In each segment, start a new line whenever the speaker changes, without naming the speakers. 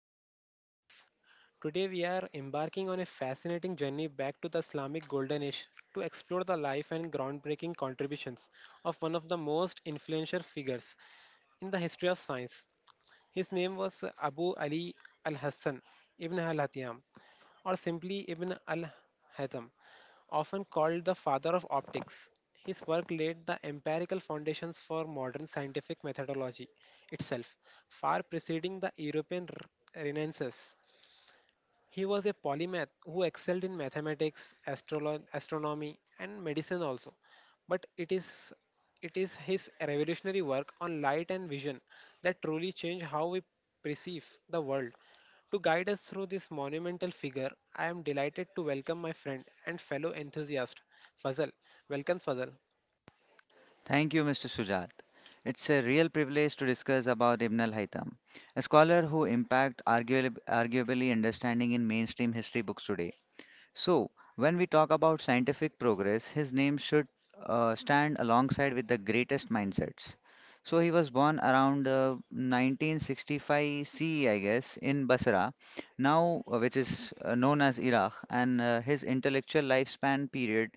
back to the podcast. Today, we are embarking on a fascinating journey back to the Islamic Golden Age to explore the life and groundbreaking contributions of one of the most influential figures in the history of science. His name was Abu Ali al Hassan ibn al Hathiyam, or simply Ibn al-Haytham, often called the father of optics. His work laid the empirical foundations for modern scientific methodology itself, far preceding the European Renaissance. He was a polymath who excelled in mathematics, astronomy, and medicine also. But it is his revolutionary work on light and vision that truly changed how we perceive the world. To guide us through this monumental figure, I am delighted to welcome my friend and fellow enthusiast, Fazal. Welcome, Fazal.
Thank you, Mr. Sujat. It's a real privilege to discuss about Ibn al-Haytham, a scholar who impact arguably understanding in mainstream history books today. So, when we talk about scientific progress, his name should stand alongside with the greatest mindsets. So, he was born around 1965 CE, guess, in Basra, now which is known as Iraq, and his intellectual lifespan period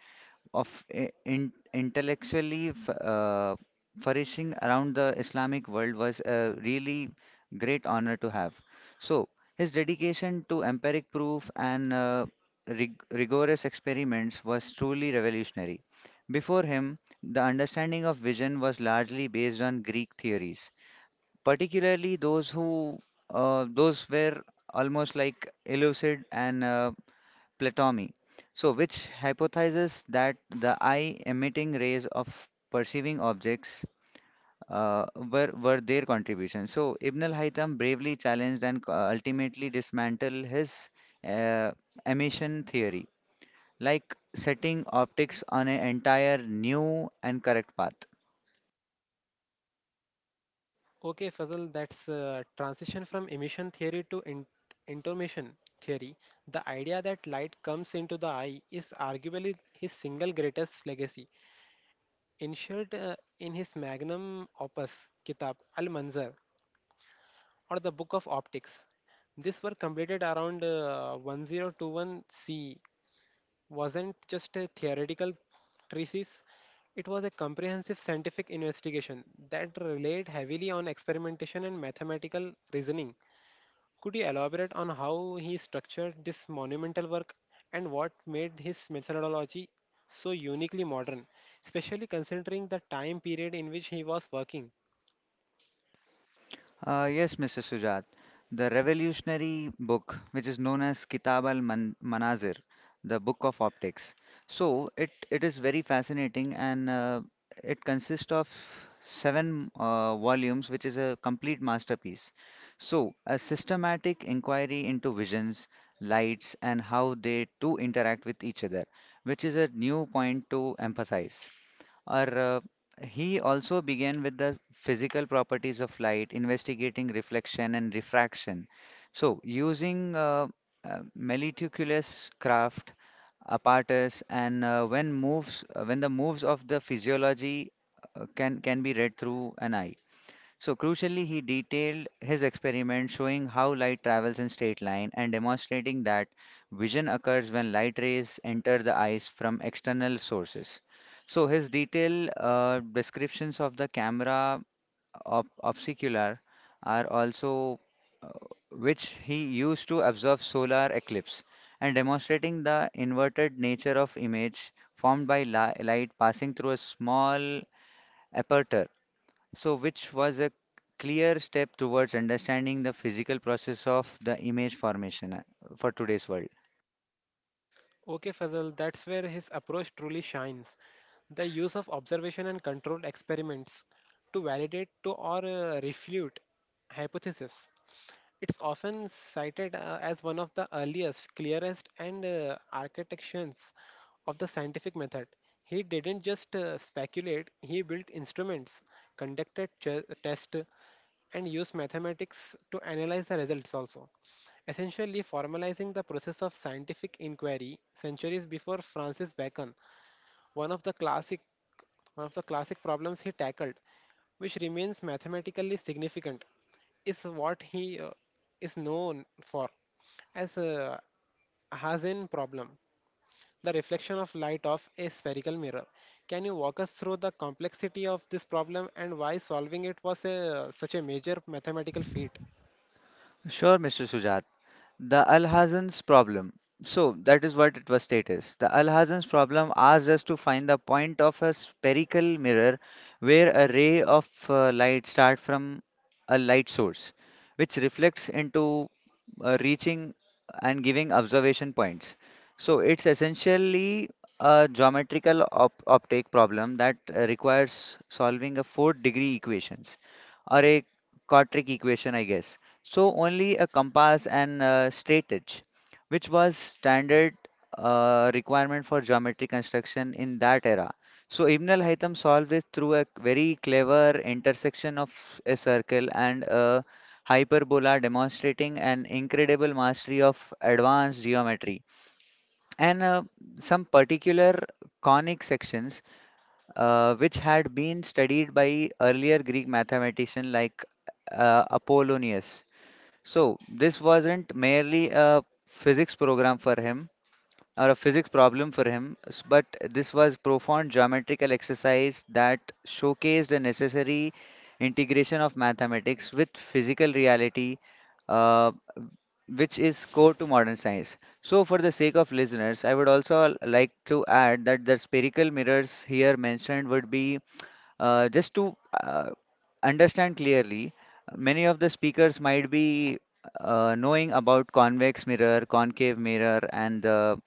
of in, intellectually flourishing around the Islamic world was a really great honor to have. So, his dedication to empiric proof and rigorous experiments was truly revolutionary. Before him, the understanding of vision was largely based on Greek theories, particularly those were almost like elucid and Platomy, so which hypothesizes that the eye emitting rays of perceiving objects were their contribution. So Ibn al-Haytham bravely challenged and ultimately dismantled his uh, emission theory, like setting optics on an entire new and correct path.
Okay, Fazal, that's a transition from emission theory to intomation theory. The idea that light comes into the eye is arguably his single greatest legacy, ensured in his magnum opus, Kitab al-Manzar, or the Book of Optics. This work completed around 1021 C, wasn't just a theoretical treatise, it was a comprehensive scientific investigation that relied heavily on experimentation and mathematical reasoning. Could you elaborate on how he structured this monumental work and what made his methodology so uniquely modern, especially considering the time period in which he was working?
Yes, Mr. Sujat. The revolutionary book, which is known as Kitab Manazir, the Book of Optics. So it is very fascinating and it consists of seven volumes, which is a complete masterpiece. So a systematic inquiry into visions, lights, and how they too interact with each other, which is a new point to emphasize. Or He also began with the physical properties of light, investigating reflection and refraction. So, using meticulous craft, apparatus, and when the moves of the physiology can be read through an eye. So, crucially, he detailed his experiment showing how light travels in straight line and demonstrating that vision occurs when light rays enter the eyes from external sources. So, his detailed descriptions of the camera obscular are also uh, which he used to observe solar eclipse and demonstrating the inverted nature of image formed by light passing through a small aperture so, which was a clear step towards understanding the physical process of the image formation for today's world.
Okay, Fazal, that's where his approach truly shines. The use of observation and controlled experiments to validate to or refute hypothesis. It's often cited as one of the earliest, clearest, and architections of the scientific method. He didn't just speculate, he built instruments, conducted tests, and used mathematics to analyze the results also, essentially formalizing the process of scientific inquiry centuries before Francis Bacon. One of the classic one of the classic problems he tackled, which remains mathematically significant, is what he is known for as a Hazen problem, the reflection of light off a spherical mirror. Can you walk us through the complexity of this problem and why solving it was such a major mathematical feat?
Sure, Mr. Sujat. The Alhazen's problem. So that is what it was stated. The Alhazen's problem asks us to find the point of a spherical mirror where a ray of light starts from a light source, which reflects into reaching and giving observation points. So it's essentially a geometrical optic problem that requires solving a fourth degree equations or a quadratic equation, I guess. So only a compass and straight edge, which was standard requirement for geometric construction in that era. So Ibn al-Haytham solved it through a very clever intersection of a circle and a hyperbola, demonstrating an incredible mastery of advanced geometry. And some particular conic sections, which had been studied by earlier Greek mathematicians like Apollonius. So, this wasn't merely a physics program for him or a physics problem for him, but this was profound geometrical exercise that showcased a necessary integration of mathematics with physical reality, uh, which is core to modern science. So, for the sake of listeners, I would also like to add that the spherical mirrors here mentioned would be just to uh, understand clearly, many of the speakers might be knowing about convex mirror, concave mirror, and the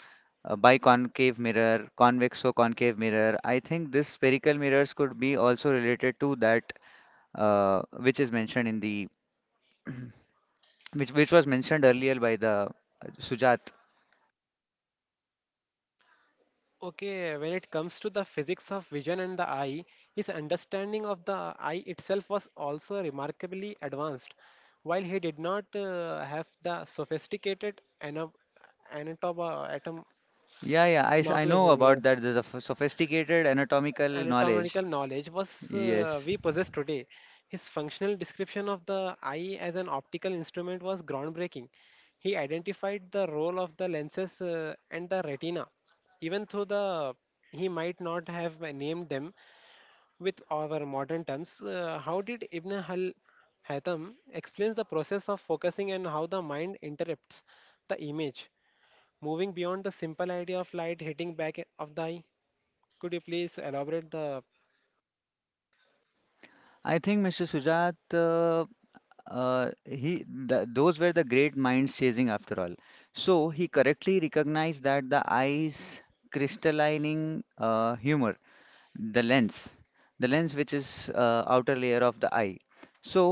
biconcave mirror, convex or concave mirror. I think this spherical mirrors could be also related to that which is mentioned in the which was mentioned earlier by the Sujat.
Okay, when it comes to the physics of vision and the eye, his understanding of the eye itself was also remarkably advanced. While he did not have the sophisticated anatomical atom
Yeah, yeah, I
knowledge,
know about
yes,
that. There's a sophisticated anatomical knowledge.
anatomical knowledge was
Yes.
we possess today. His functional description of the eye as an optical instrument was groundbreaking. He identified the role of the lenses and the retina, even though the he might not have named them with our modern terms. How did Ibn Hal Haytham explains the process of focusing and how the mind interprets the image, moving beyond the simple idea of light hitting back of the eye? Could you please elaborate the
I think Mr. Sujat he th those were the great minds chasing after all. So he correctly recognized that the eyes crystallining humor, the lens, the lens which is outer layer of the eye. So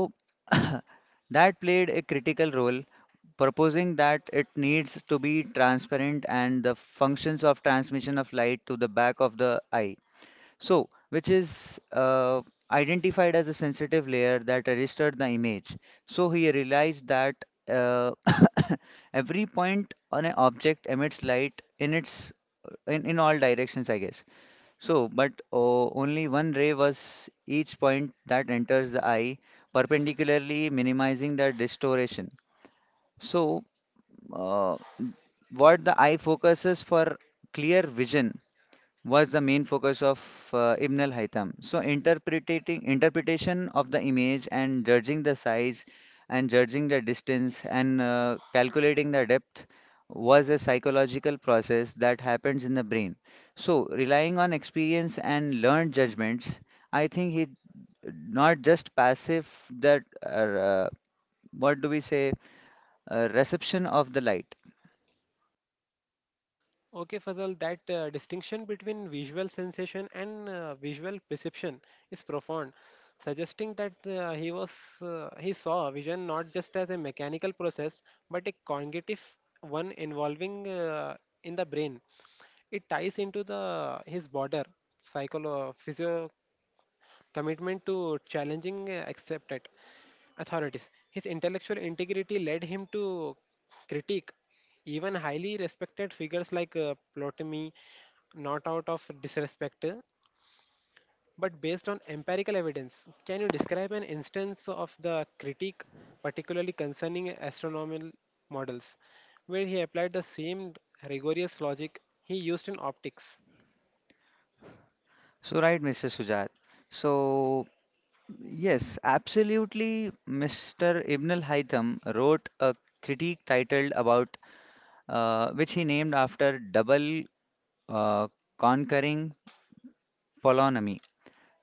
that played a critical role, proposing that it needs to be transparent and the functions of transmission of light to the back of the eye so, which is identified as a sensitive layer that registered the image. So, he realized that uh, every point on an object emits light in all directions, I guess. So, but only one ray was each point that enters the eye, perpendicularly minimizing the distortion. So, uh, what the eye focuses for clear vision was the main focus of Ibn al-Haytham. So interpreting interpretation of the image and judging the size and judging the distance and calculating the depth was a psychological process that happens in the brain. So relying on experience and learned judgments, I think he not just passive that what do we say reception of the light.
Okay, Fazal, that distinction between visual sensation and visual perception is profound, suggesting that he saw vision not just as a mechanical process but a cognitive one involving in the brain. It ties into the his border psycholo physio commitment to challenging accepted authorities. His intellectual integrity led him to critique even highly respected figures like Ptolemy, not out of disrespect, but based on empirical evidence. Can you describe an instance of the critique, particularly concerning astronomical models, where he applied the same rigorous logic he used in optics?
So right, Mr. Sujat. So yes, absolutely. Mr. Ibn al-Haytham wrote a critique titled about which he named after double uh, conquering polonymy,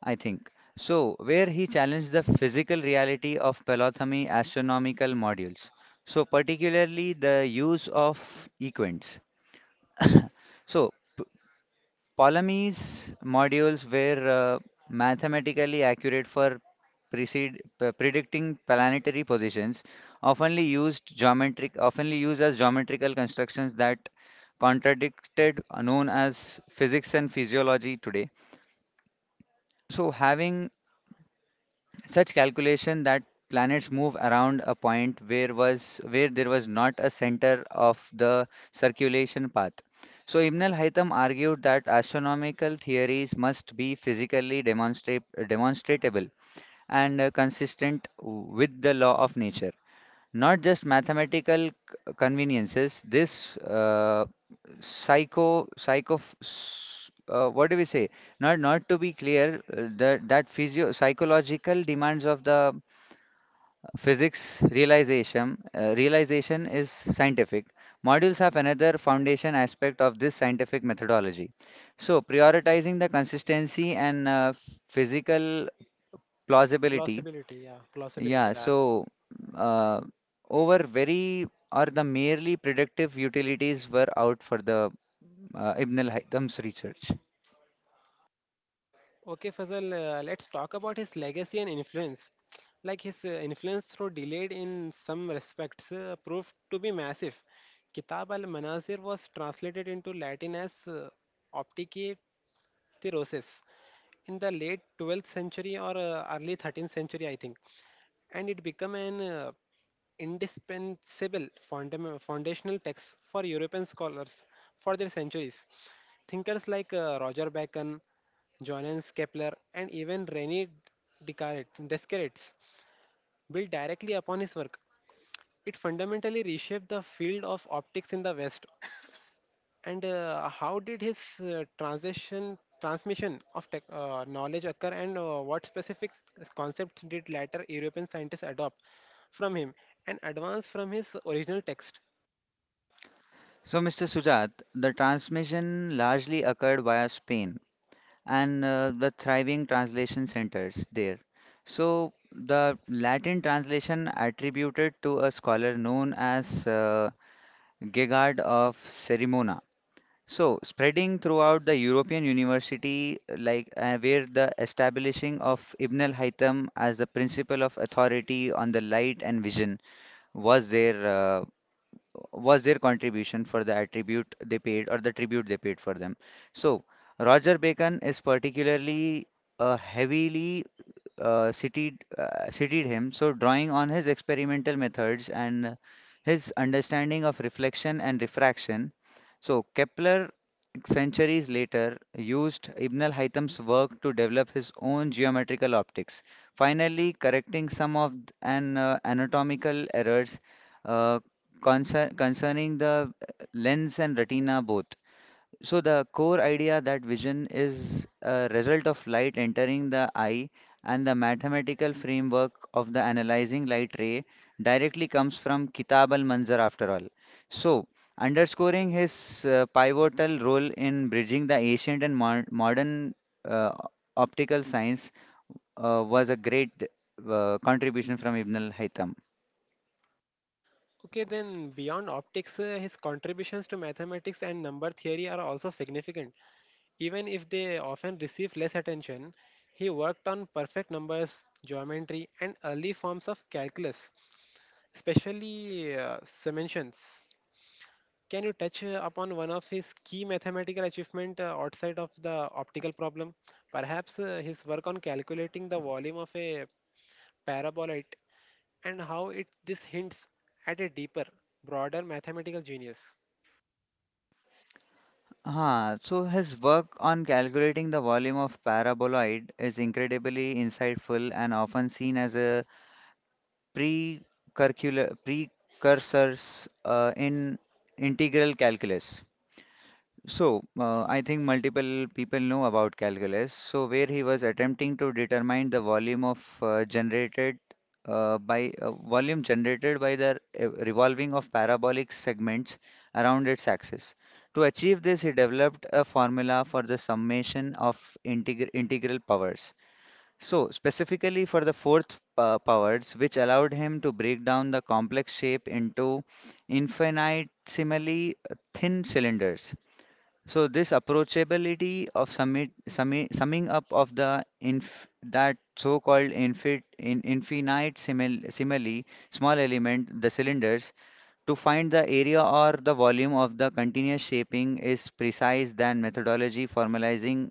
I think. So, where he challenged the physical reality of polygamy astronomical modules. So, particularly the use of equants. So, Ptolemy's modules were mathematically accurate for predicting planetary positions, oftenly used as geometrical constructions that contradicted, known as physics and physiology today. So, having such calculation that planets move around a point where there was not a center of the circulation path. So Ibn al-Haytham argued that astronomical theories must be demonstratable and consistent with the law of nature. Not just mathematical conveniences, this what do we say? Not to be clear, that physio psychological demands of the physics realization is scientific. Modules have another foundation aspect of this scientific methodology. So, prioritizing the consistency and physical plausibility,
Plausibility, yeah, plausibility.
yeah, so uh, over very or the merely predictive utilities were out for the Ibn al-Haytham's research.
Okay, Fazal, let's talk about his legacy and influence. Like his influence, though delayed in some respects, proved to be massive. Kitab al Manazir was translated into Latin as Opticae Roses in the late 12th century or early 13th century, I think. And it became an indispensable foundational text for European scholars for their centuries. Thinkers like Roger Bacon, Johannes Kepler, and even René Descartes built directly upon his work. It fundamentally reshaped the field of optics in the West. And How did his transmission of knowledge occur, and what specific concepts did later European scientists adopt from him and advance from his original text?
So, Mr. Sujat, the transmission largely occurred via Spain and the thriving translation centers there. So, the Latin translation attributed to a scholar known as Gegard of Cerimona. So, spreading throughout the European university, like where the establishing of Ibn al-Haytham as the principle of authority on the light and vision was their uh, was their contribution for the attribute they paid or the tribute they paid for them. So, Roger Bacon is particularly heavily cited him, so drawing on his experimental methods and his understanding of reflection and refraction. So Kepler, centuries later, used Ibn al-Haytham's work to develop his own geometrical optics, finally correcting some of an anatomical errors uh, concerning the lens and retina both. So the core idea that vision is a result of light entering the eye and the mathematical framework of the analyzing light ray directly comes from Kitab al-Manzar after all. So underscoring his pivotal role in bridging the ancient and modern uh, optical science was a great contribution from Ibn al-Haytham.
Okay, then beyond optics, his contributions to mathematics and number theory are also significant. Even if they often receive less attention, he worked on perfect numbers, geometry, and early forms of calculus, especially summations. Can you touch upon one of his key mathematical achievement outside of the optical problem? Perhaps his work on calculating the volume of a paraboloid and how it this hints at a deeper, broader mathematical genius.
Ah, so his work on calculating the volume of paraboloid is incredibly insightful and often seen as a precurcular precursors in integral calculus. So, I think multiple people know about calculus. So, where he was attempting to determine the volume generated by the revolving of parabolic segments around its axis. To achieve this, he developed a formula for the summation of integral powers. So, specifically for the fourth powers, which allowed him to break down the complex shape into infinitesimally thin cylinders. So this approachability of summing up of the inf, that so-called infit, in, infinite simile, small element, the cylinders, to find the area or the volume of the continuous shaping is precise than methodology formalizing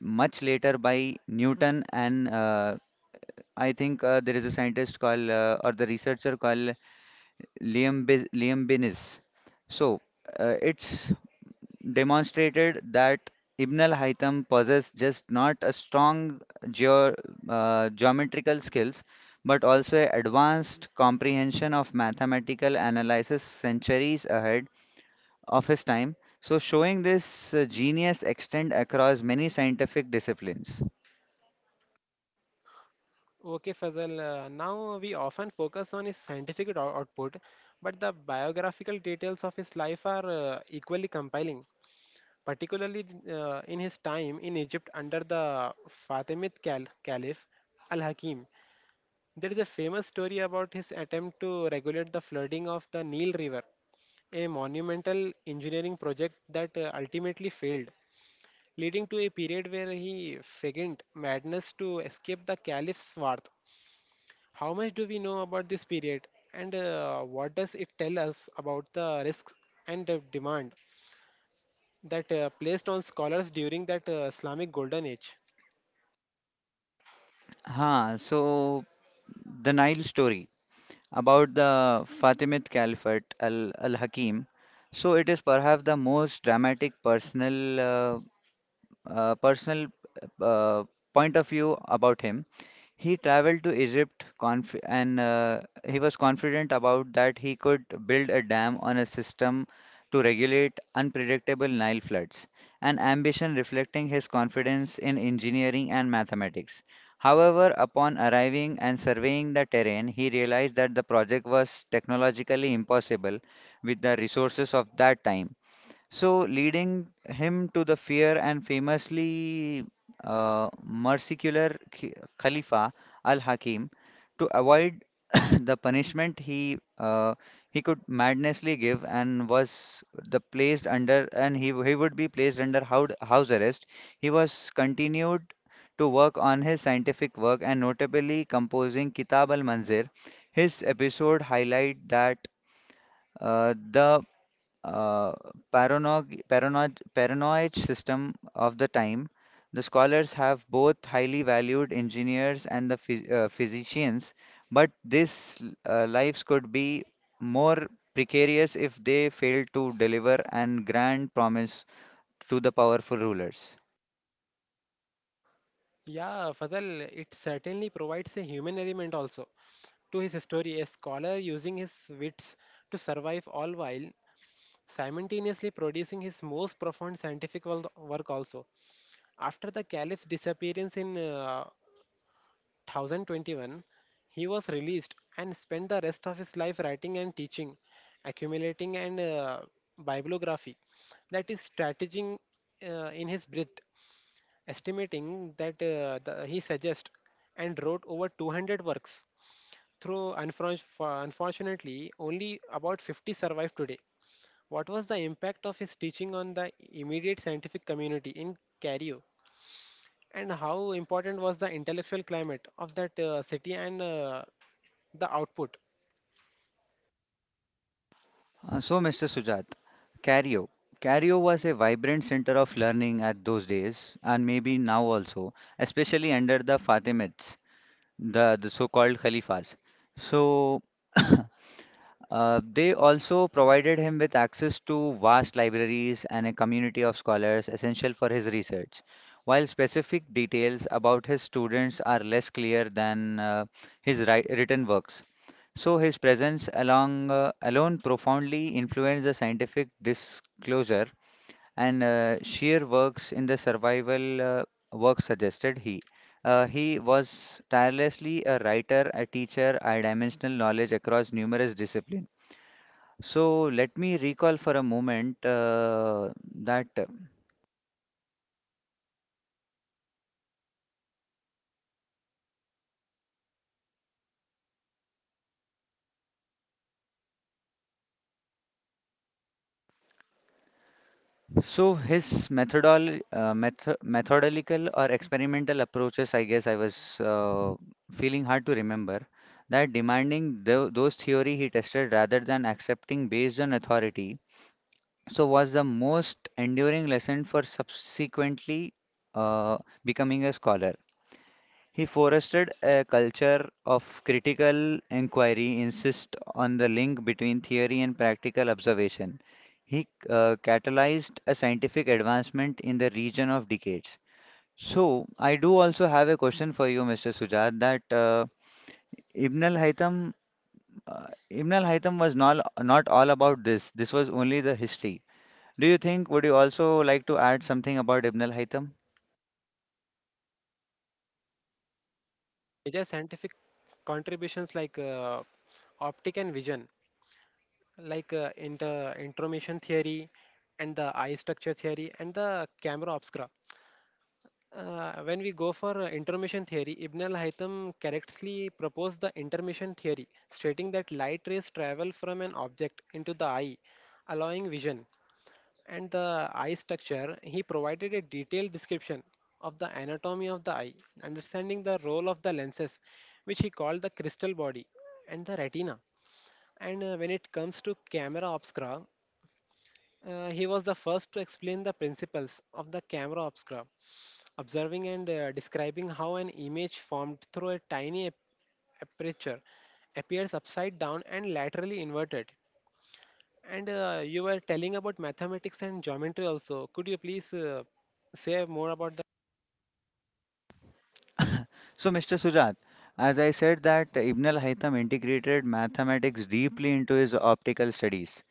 much later by Newton and I think there is a scientist called or the researcher called Liam Binnis. So it's demonstrated that Ibn al-Haytham possessed just not a strong geo- geometrical skills, but also a advanced comprehension of mathematical analysis centuries ahead of his time. So showing this genius extend across many scientific disciplines.
Okay, Fazal. Now we often focus on his scientific output, but the biographical details of his life are equally compelling, particularly in his time in Egypt under the Fatimid Caliph Al Hakim. There is a famous story about his attempt to regulate the flooding of the Nile River, a monumental engineering project that ultimately failed, leading to a period where he feigned madness to escape the caliph's wrath. How much do we know about this period, and what does it tell us about the risks and the demand that placed on scholars during that Islamic Golden Age?
So the Nile story about the Fatimid Caliphate Al-Hakim. So it is perhaps the most dramatic personal uh, point of view about him. He traveled to Egypt conf and he was confident about that he could build a dam on a system to regulate unpredictable Nile floods, an ambition reflecting his confidence in engineering and mathematics. However, upon arriving and surveying the terrain, he realized that the project was technologically impossible with the resources of that time. So, leading him to the fear and famously merciless Khalifa al-Hakim to avoid the punishment he could madnessly give and was the placed under and he would be placed under house arrest. He was continued to work on his scientific work and notably composing Kitab al-Manzir. His episode highlight that uh, the uh, paranoid system of the time. The scholars have both highly valued engineers and the physicians, but these lives could be more precarious if they failed to deliver and grand promise to the powerful rulers.
Yeah, Fazal, it certainly provides a human element also to his story. A scholar using his wits to survive, all while simultaneously producing his most profound scientific work also. After the caliph's disappearance in 2021, he was released and spent the rest of his life writing and teaching, accumulating and bibliography. That is strategizing in his breath, estimating that he suggests and wrote over 200 works. Unfortunately, only about 50 survive today. What was the impact of his teaching on the immediate scientific community in Cario? And how important was the intellectual climate of that city and the output
So, Mr. Sujat, Cario. Cario was a vibrant center of learning at those days, and maybe now also, especially under the Fatimids. The so-called Khalifas. So they also provided him with access to vast libraries and a community of scholars essential for his research. While specific details about his students are less clear than written works, so his presence, alone profoundly influenced the scientific disclosure and sheer works in the survival work suggested he. He was tirelessly a writer, a teacher, a dimensional knowledge across numerous disciplines. So let me recall for a moment that so his methodol method methodical or experimental approaches, I guess I was feeling hard to remember that demanding those theory he tested rather than accepting based on authority so was the most enduring lesson for subsequently uh, becoming a scholar. He fostered a culture of critical inquiry, insist on the link between theory and practical observation. He catalyzed a scientific advancement in the region of decades. So, I do also have a question for you, Mr. Sujat, that Ibn al-Haytham, Ibn al-Haytham was not all about this. This was only the history. Do you think would you also like to add something about Ibn al-Haytham?
major scientific contributions like optic and vision like intermission theory and the eye structure theory and the camera obscura? When we go for intermission theory, Ibn al-Haytham correctly proposed the intermission theory, stating that light rays travel from an object into the eye, allowing vision. And the eye structure, he provided a detailed description of the anatomy of the eye, understanding the role of the lenses, which he called the crystal body and the retina. And when it comes to camera obscura, he was the first to explain the principles of the camera obscura, observing and describing how an image formed through a tiny aperture appears upside down and laterally inverted. And you were telling about mathematics and geometry also. Could you please say more about that?
So, Mr. Sujat, as I said that Ibn al-Haytham integrated mathematics deeply into his optical studies.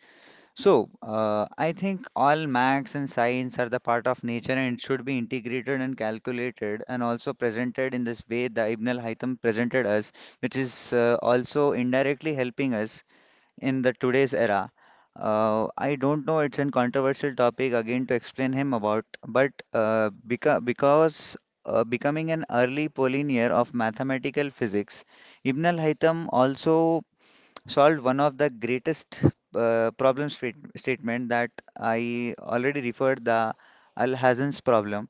So, I think all maths and science are the part of nature and it should be integrated and calculated and also presented in this way the Ibn al-Haytham presented us, which is also indirectly helping us in the today's era. I don't know, it's a controversial topic again to explain him about, but because becoming an early pioneer of mathematical physics, Ibn al-Haytham also solved one of the greatest problem state statement that I already referred the Al-Hasan's problem,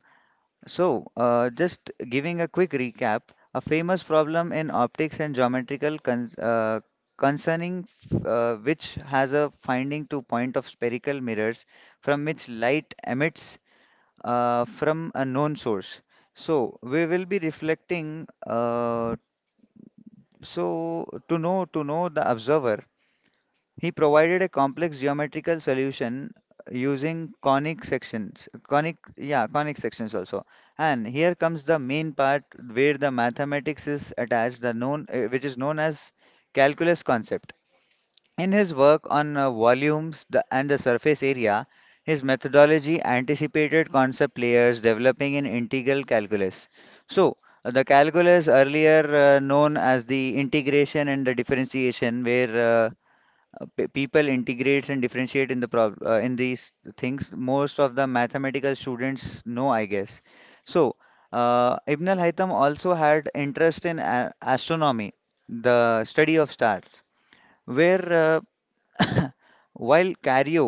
so, just giving a quick recap, a famous problem in optics and geometrical concerning which has a finding to point of spherical mirrors from which light emits from a known source. So, we will be reflecting so to know the observer. He provided a complex geometrical solution using conic sections, conic sections also. And here comes the main part where the mathematics is attached, the known, which is known as calculus concept. In his work on volumes and the surface area, his methodology anticipated concept layers developing in integral calculus. So, the calculus earlier known as the integration and the differentiation, where people integrates and differentiate in the prob in these things most of the mathematical students know, I guess. So Ibn al-Haytham also had interest in astronomy, the study of stars, where while cairo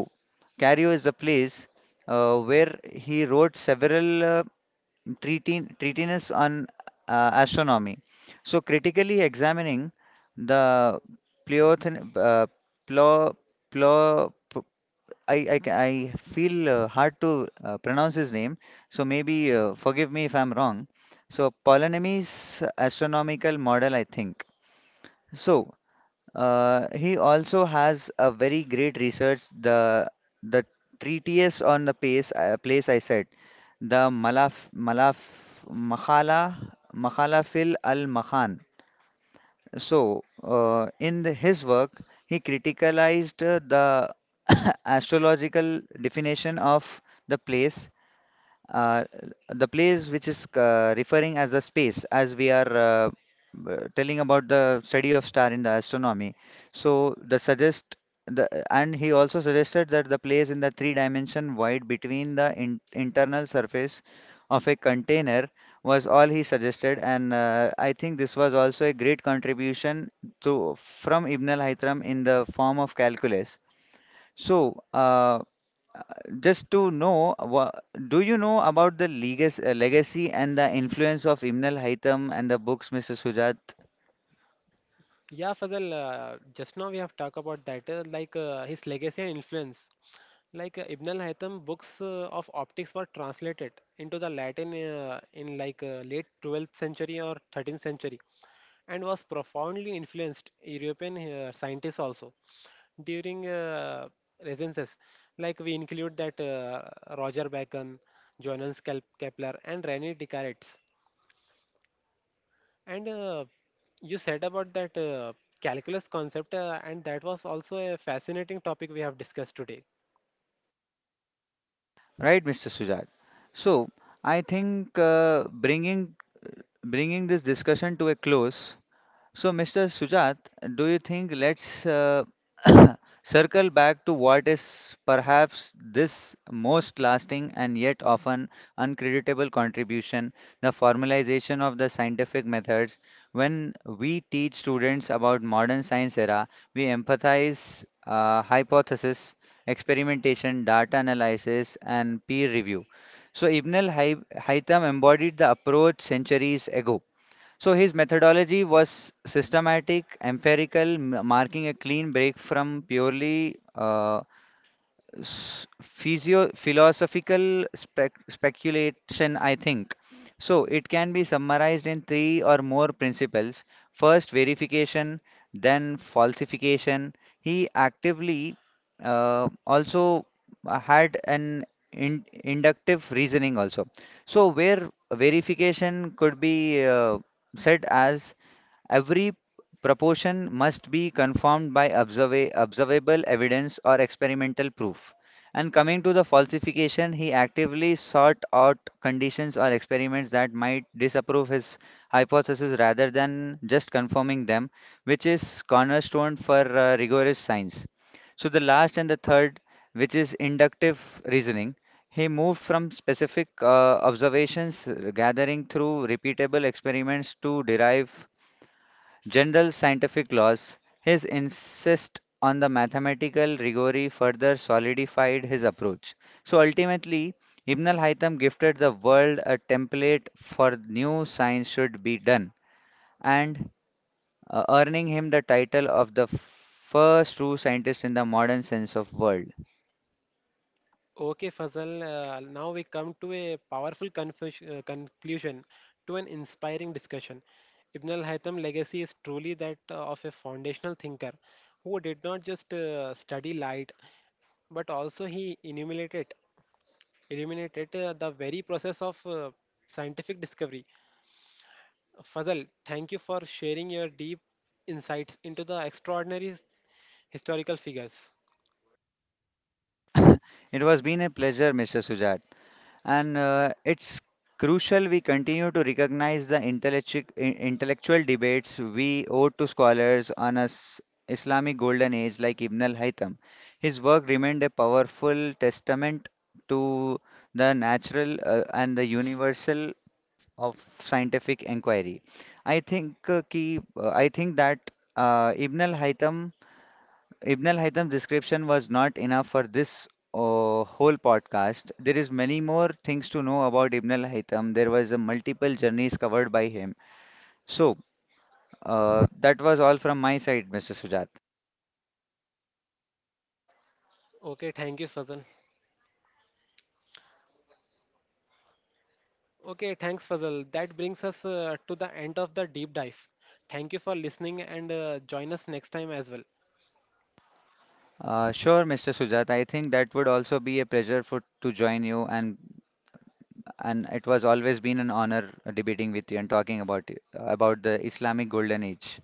cairo is a place where he wrote several treatise on astronomy. So critically examining the pleothen, plo, plo, p- I, ca- I feel hard to pronounce his name, so maybe forgive me if I'm wrong. So Ptolemy's astronomical model, I think. So he also has a very great research, the treatise on the place, the Malaf Malaf Makhala Makhalafil al Mahan. So, in his work, he criticalized the astrological definition of the place, uh, the place which is referring as the space as we are telling about the study of star in the astronomy. So the suggest the and he also suggested that the place in the three dimension void between internal surface of a container was all he suggested, and I think this was also a great contribution to from Ibn al-Haytham in the form of calculus. So, just to know, do you know about the legacy and the influence of Imnal haytham and the books, Mr. Sujat?
Yeah, Fazal, just now we have talked about that, his legacy and influence. Like Ibn al-Haytham books of optics were translated into the Latin in like late 12th century or 13th century and was profoundly influenced European scientists also during recenses. Like we include that Roger Bacon, Johannes Kepler, and René Descartes. And you said about that calculus concept, and that was also a fascinating topic we have discussed today.
Right, Mr. Sujat. So I think bringing this discussion to a close. So, Mr. Sujat, do you think let's circle back to what is perhaps this most lasting and yet often uncreditable contribution, the formalization of the scientific methods. When we teach students about modern science era, we empathize hypothesis, experimentation, data analysis, and peer review. So Ibn al-Haytham embodied the approach centuries ago, so his methodology was systematic, empirical, marking a clean break from purely s- physio philosophical speculation, I think. So it can be summarized in three or more principles. First, verification, then falsification. He actively also had an in inductive reasoning also. So where verification could be said as: Every proportion must be confirmed by observable evidence or experimental proof. And coming to the falsification, he actively sought out conditions or experiments that might disapprove his hypothesis, rather than just confirming them, which is cornerstone for rigorous science. So the last and the third, which is inductive reasoning, he moved from specific observations gathering through repeatable experiments to derive general scientific laws. His insist on the mathematical rigor further solidified his approach. So ultimately, Ibn al-Haytham gifted the world a template for new science should be done, and earning him the title of the first true scientist in the modern sense of world.
Okay, Fazal, now we come to a powerful confusion, conclusion to an inspiring discussion. Ibn al-Haytham legacy is truly that of a foundational thinker who did not just study light but also he illuminated the very process of scientific discovery. Fazal, thank you for sharing your deep insights into the extraordinary historical figures.
it was been a pleasure, Mr. Sujat. And it's crucial we continue to recognize the intellectual debates we owe to scholars on Islamic golden age like Ibn al-Haytham. His work remained a powerful testament to the natural and the universal of scientific inquiry. I think that uh, Ibn al-Haytham Ibn al-Haytham's description was not enough for this whole podcast. There is many more things to know about Ibn al-Haytham. There was a multiple journeys covered by him. So that was all from my side, Mr. Sujat.
Okay, thank you, Fazal. Okay, thanks, Fazal. That brings us to the end of the deep dive. Thank you for listening and join us next time as well.
Sure, Mr. Sujat. I think that would also be a pleasure for to join you, and it was always been an honor debating with you and talking about the Islamic Golden Age.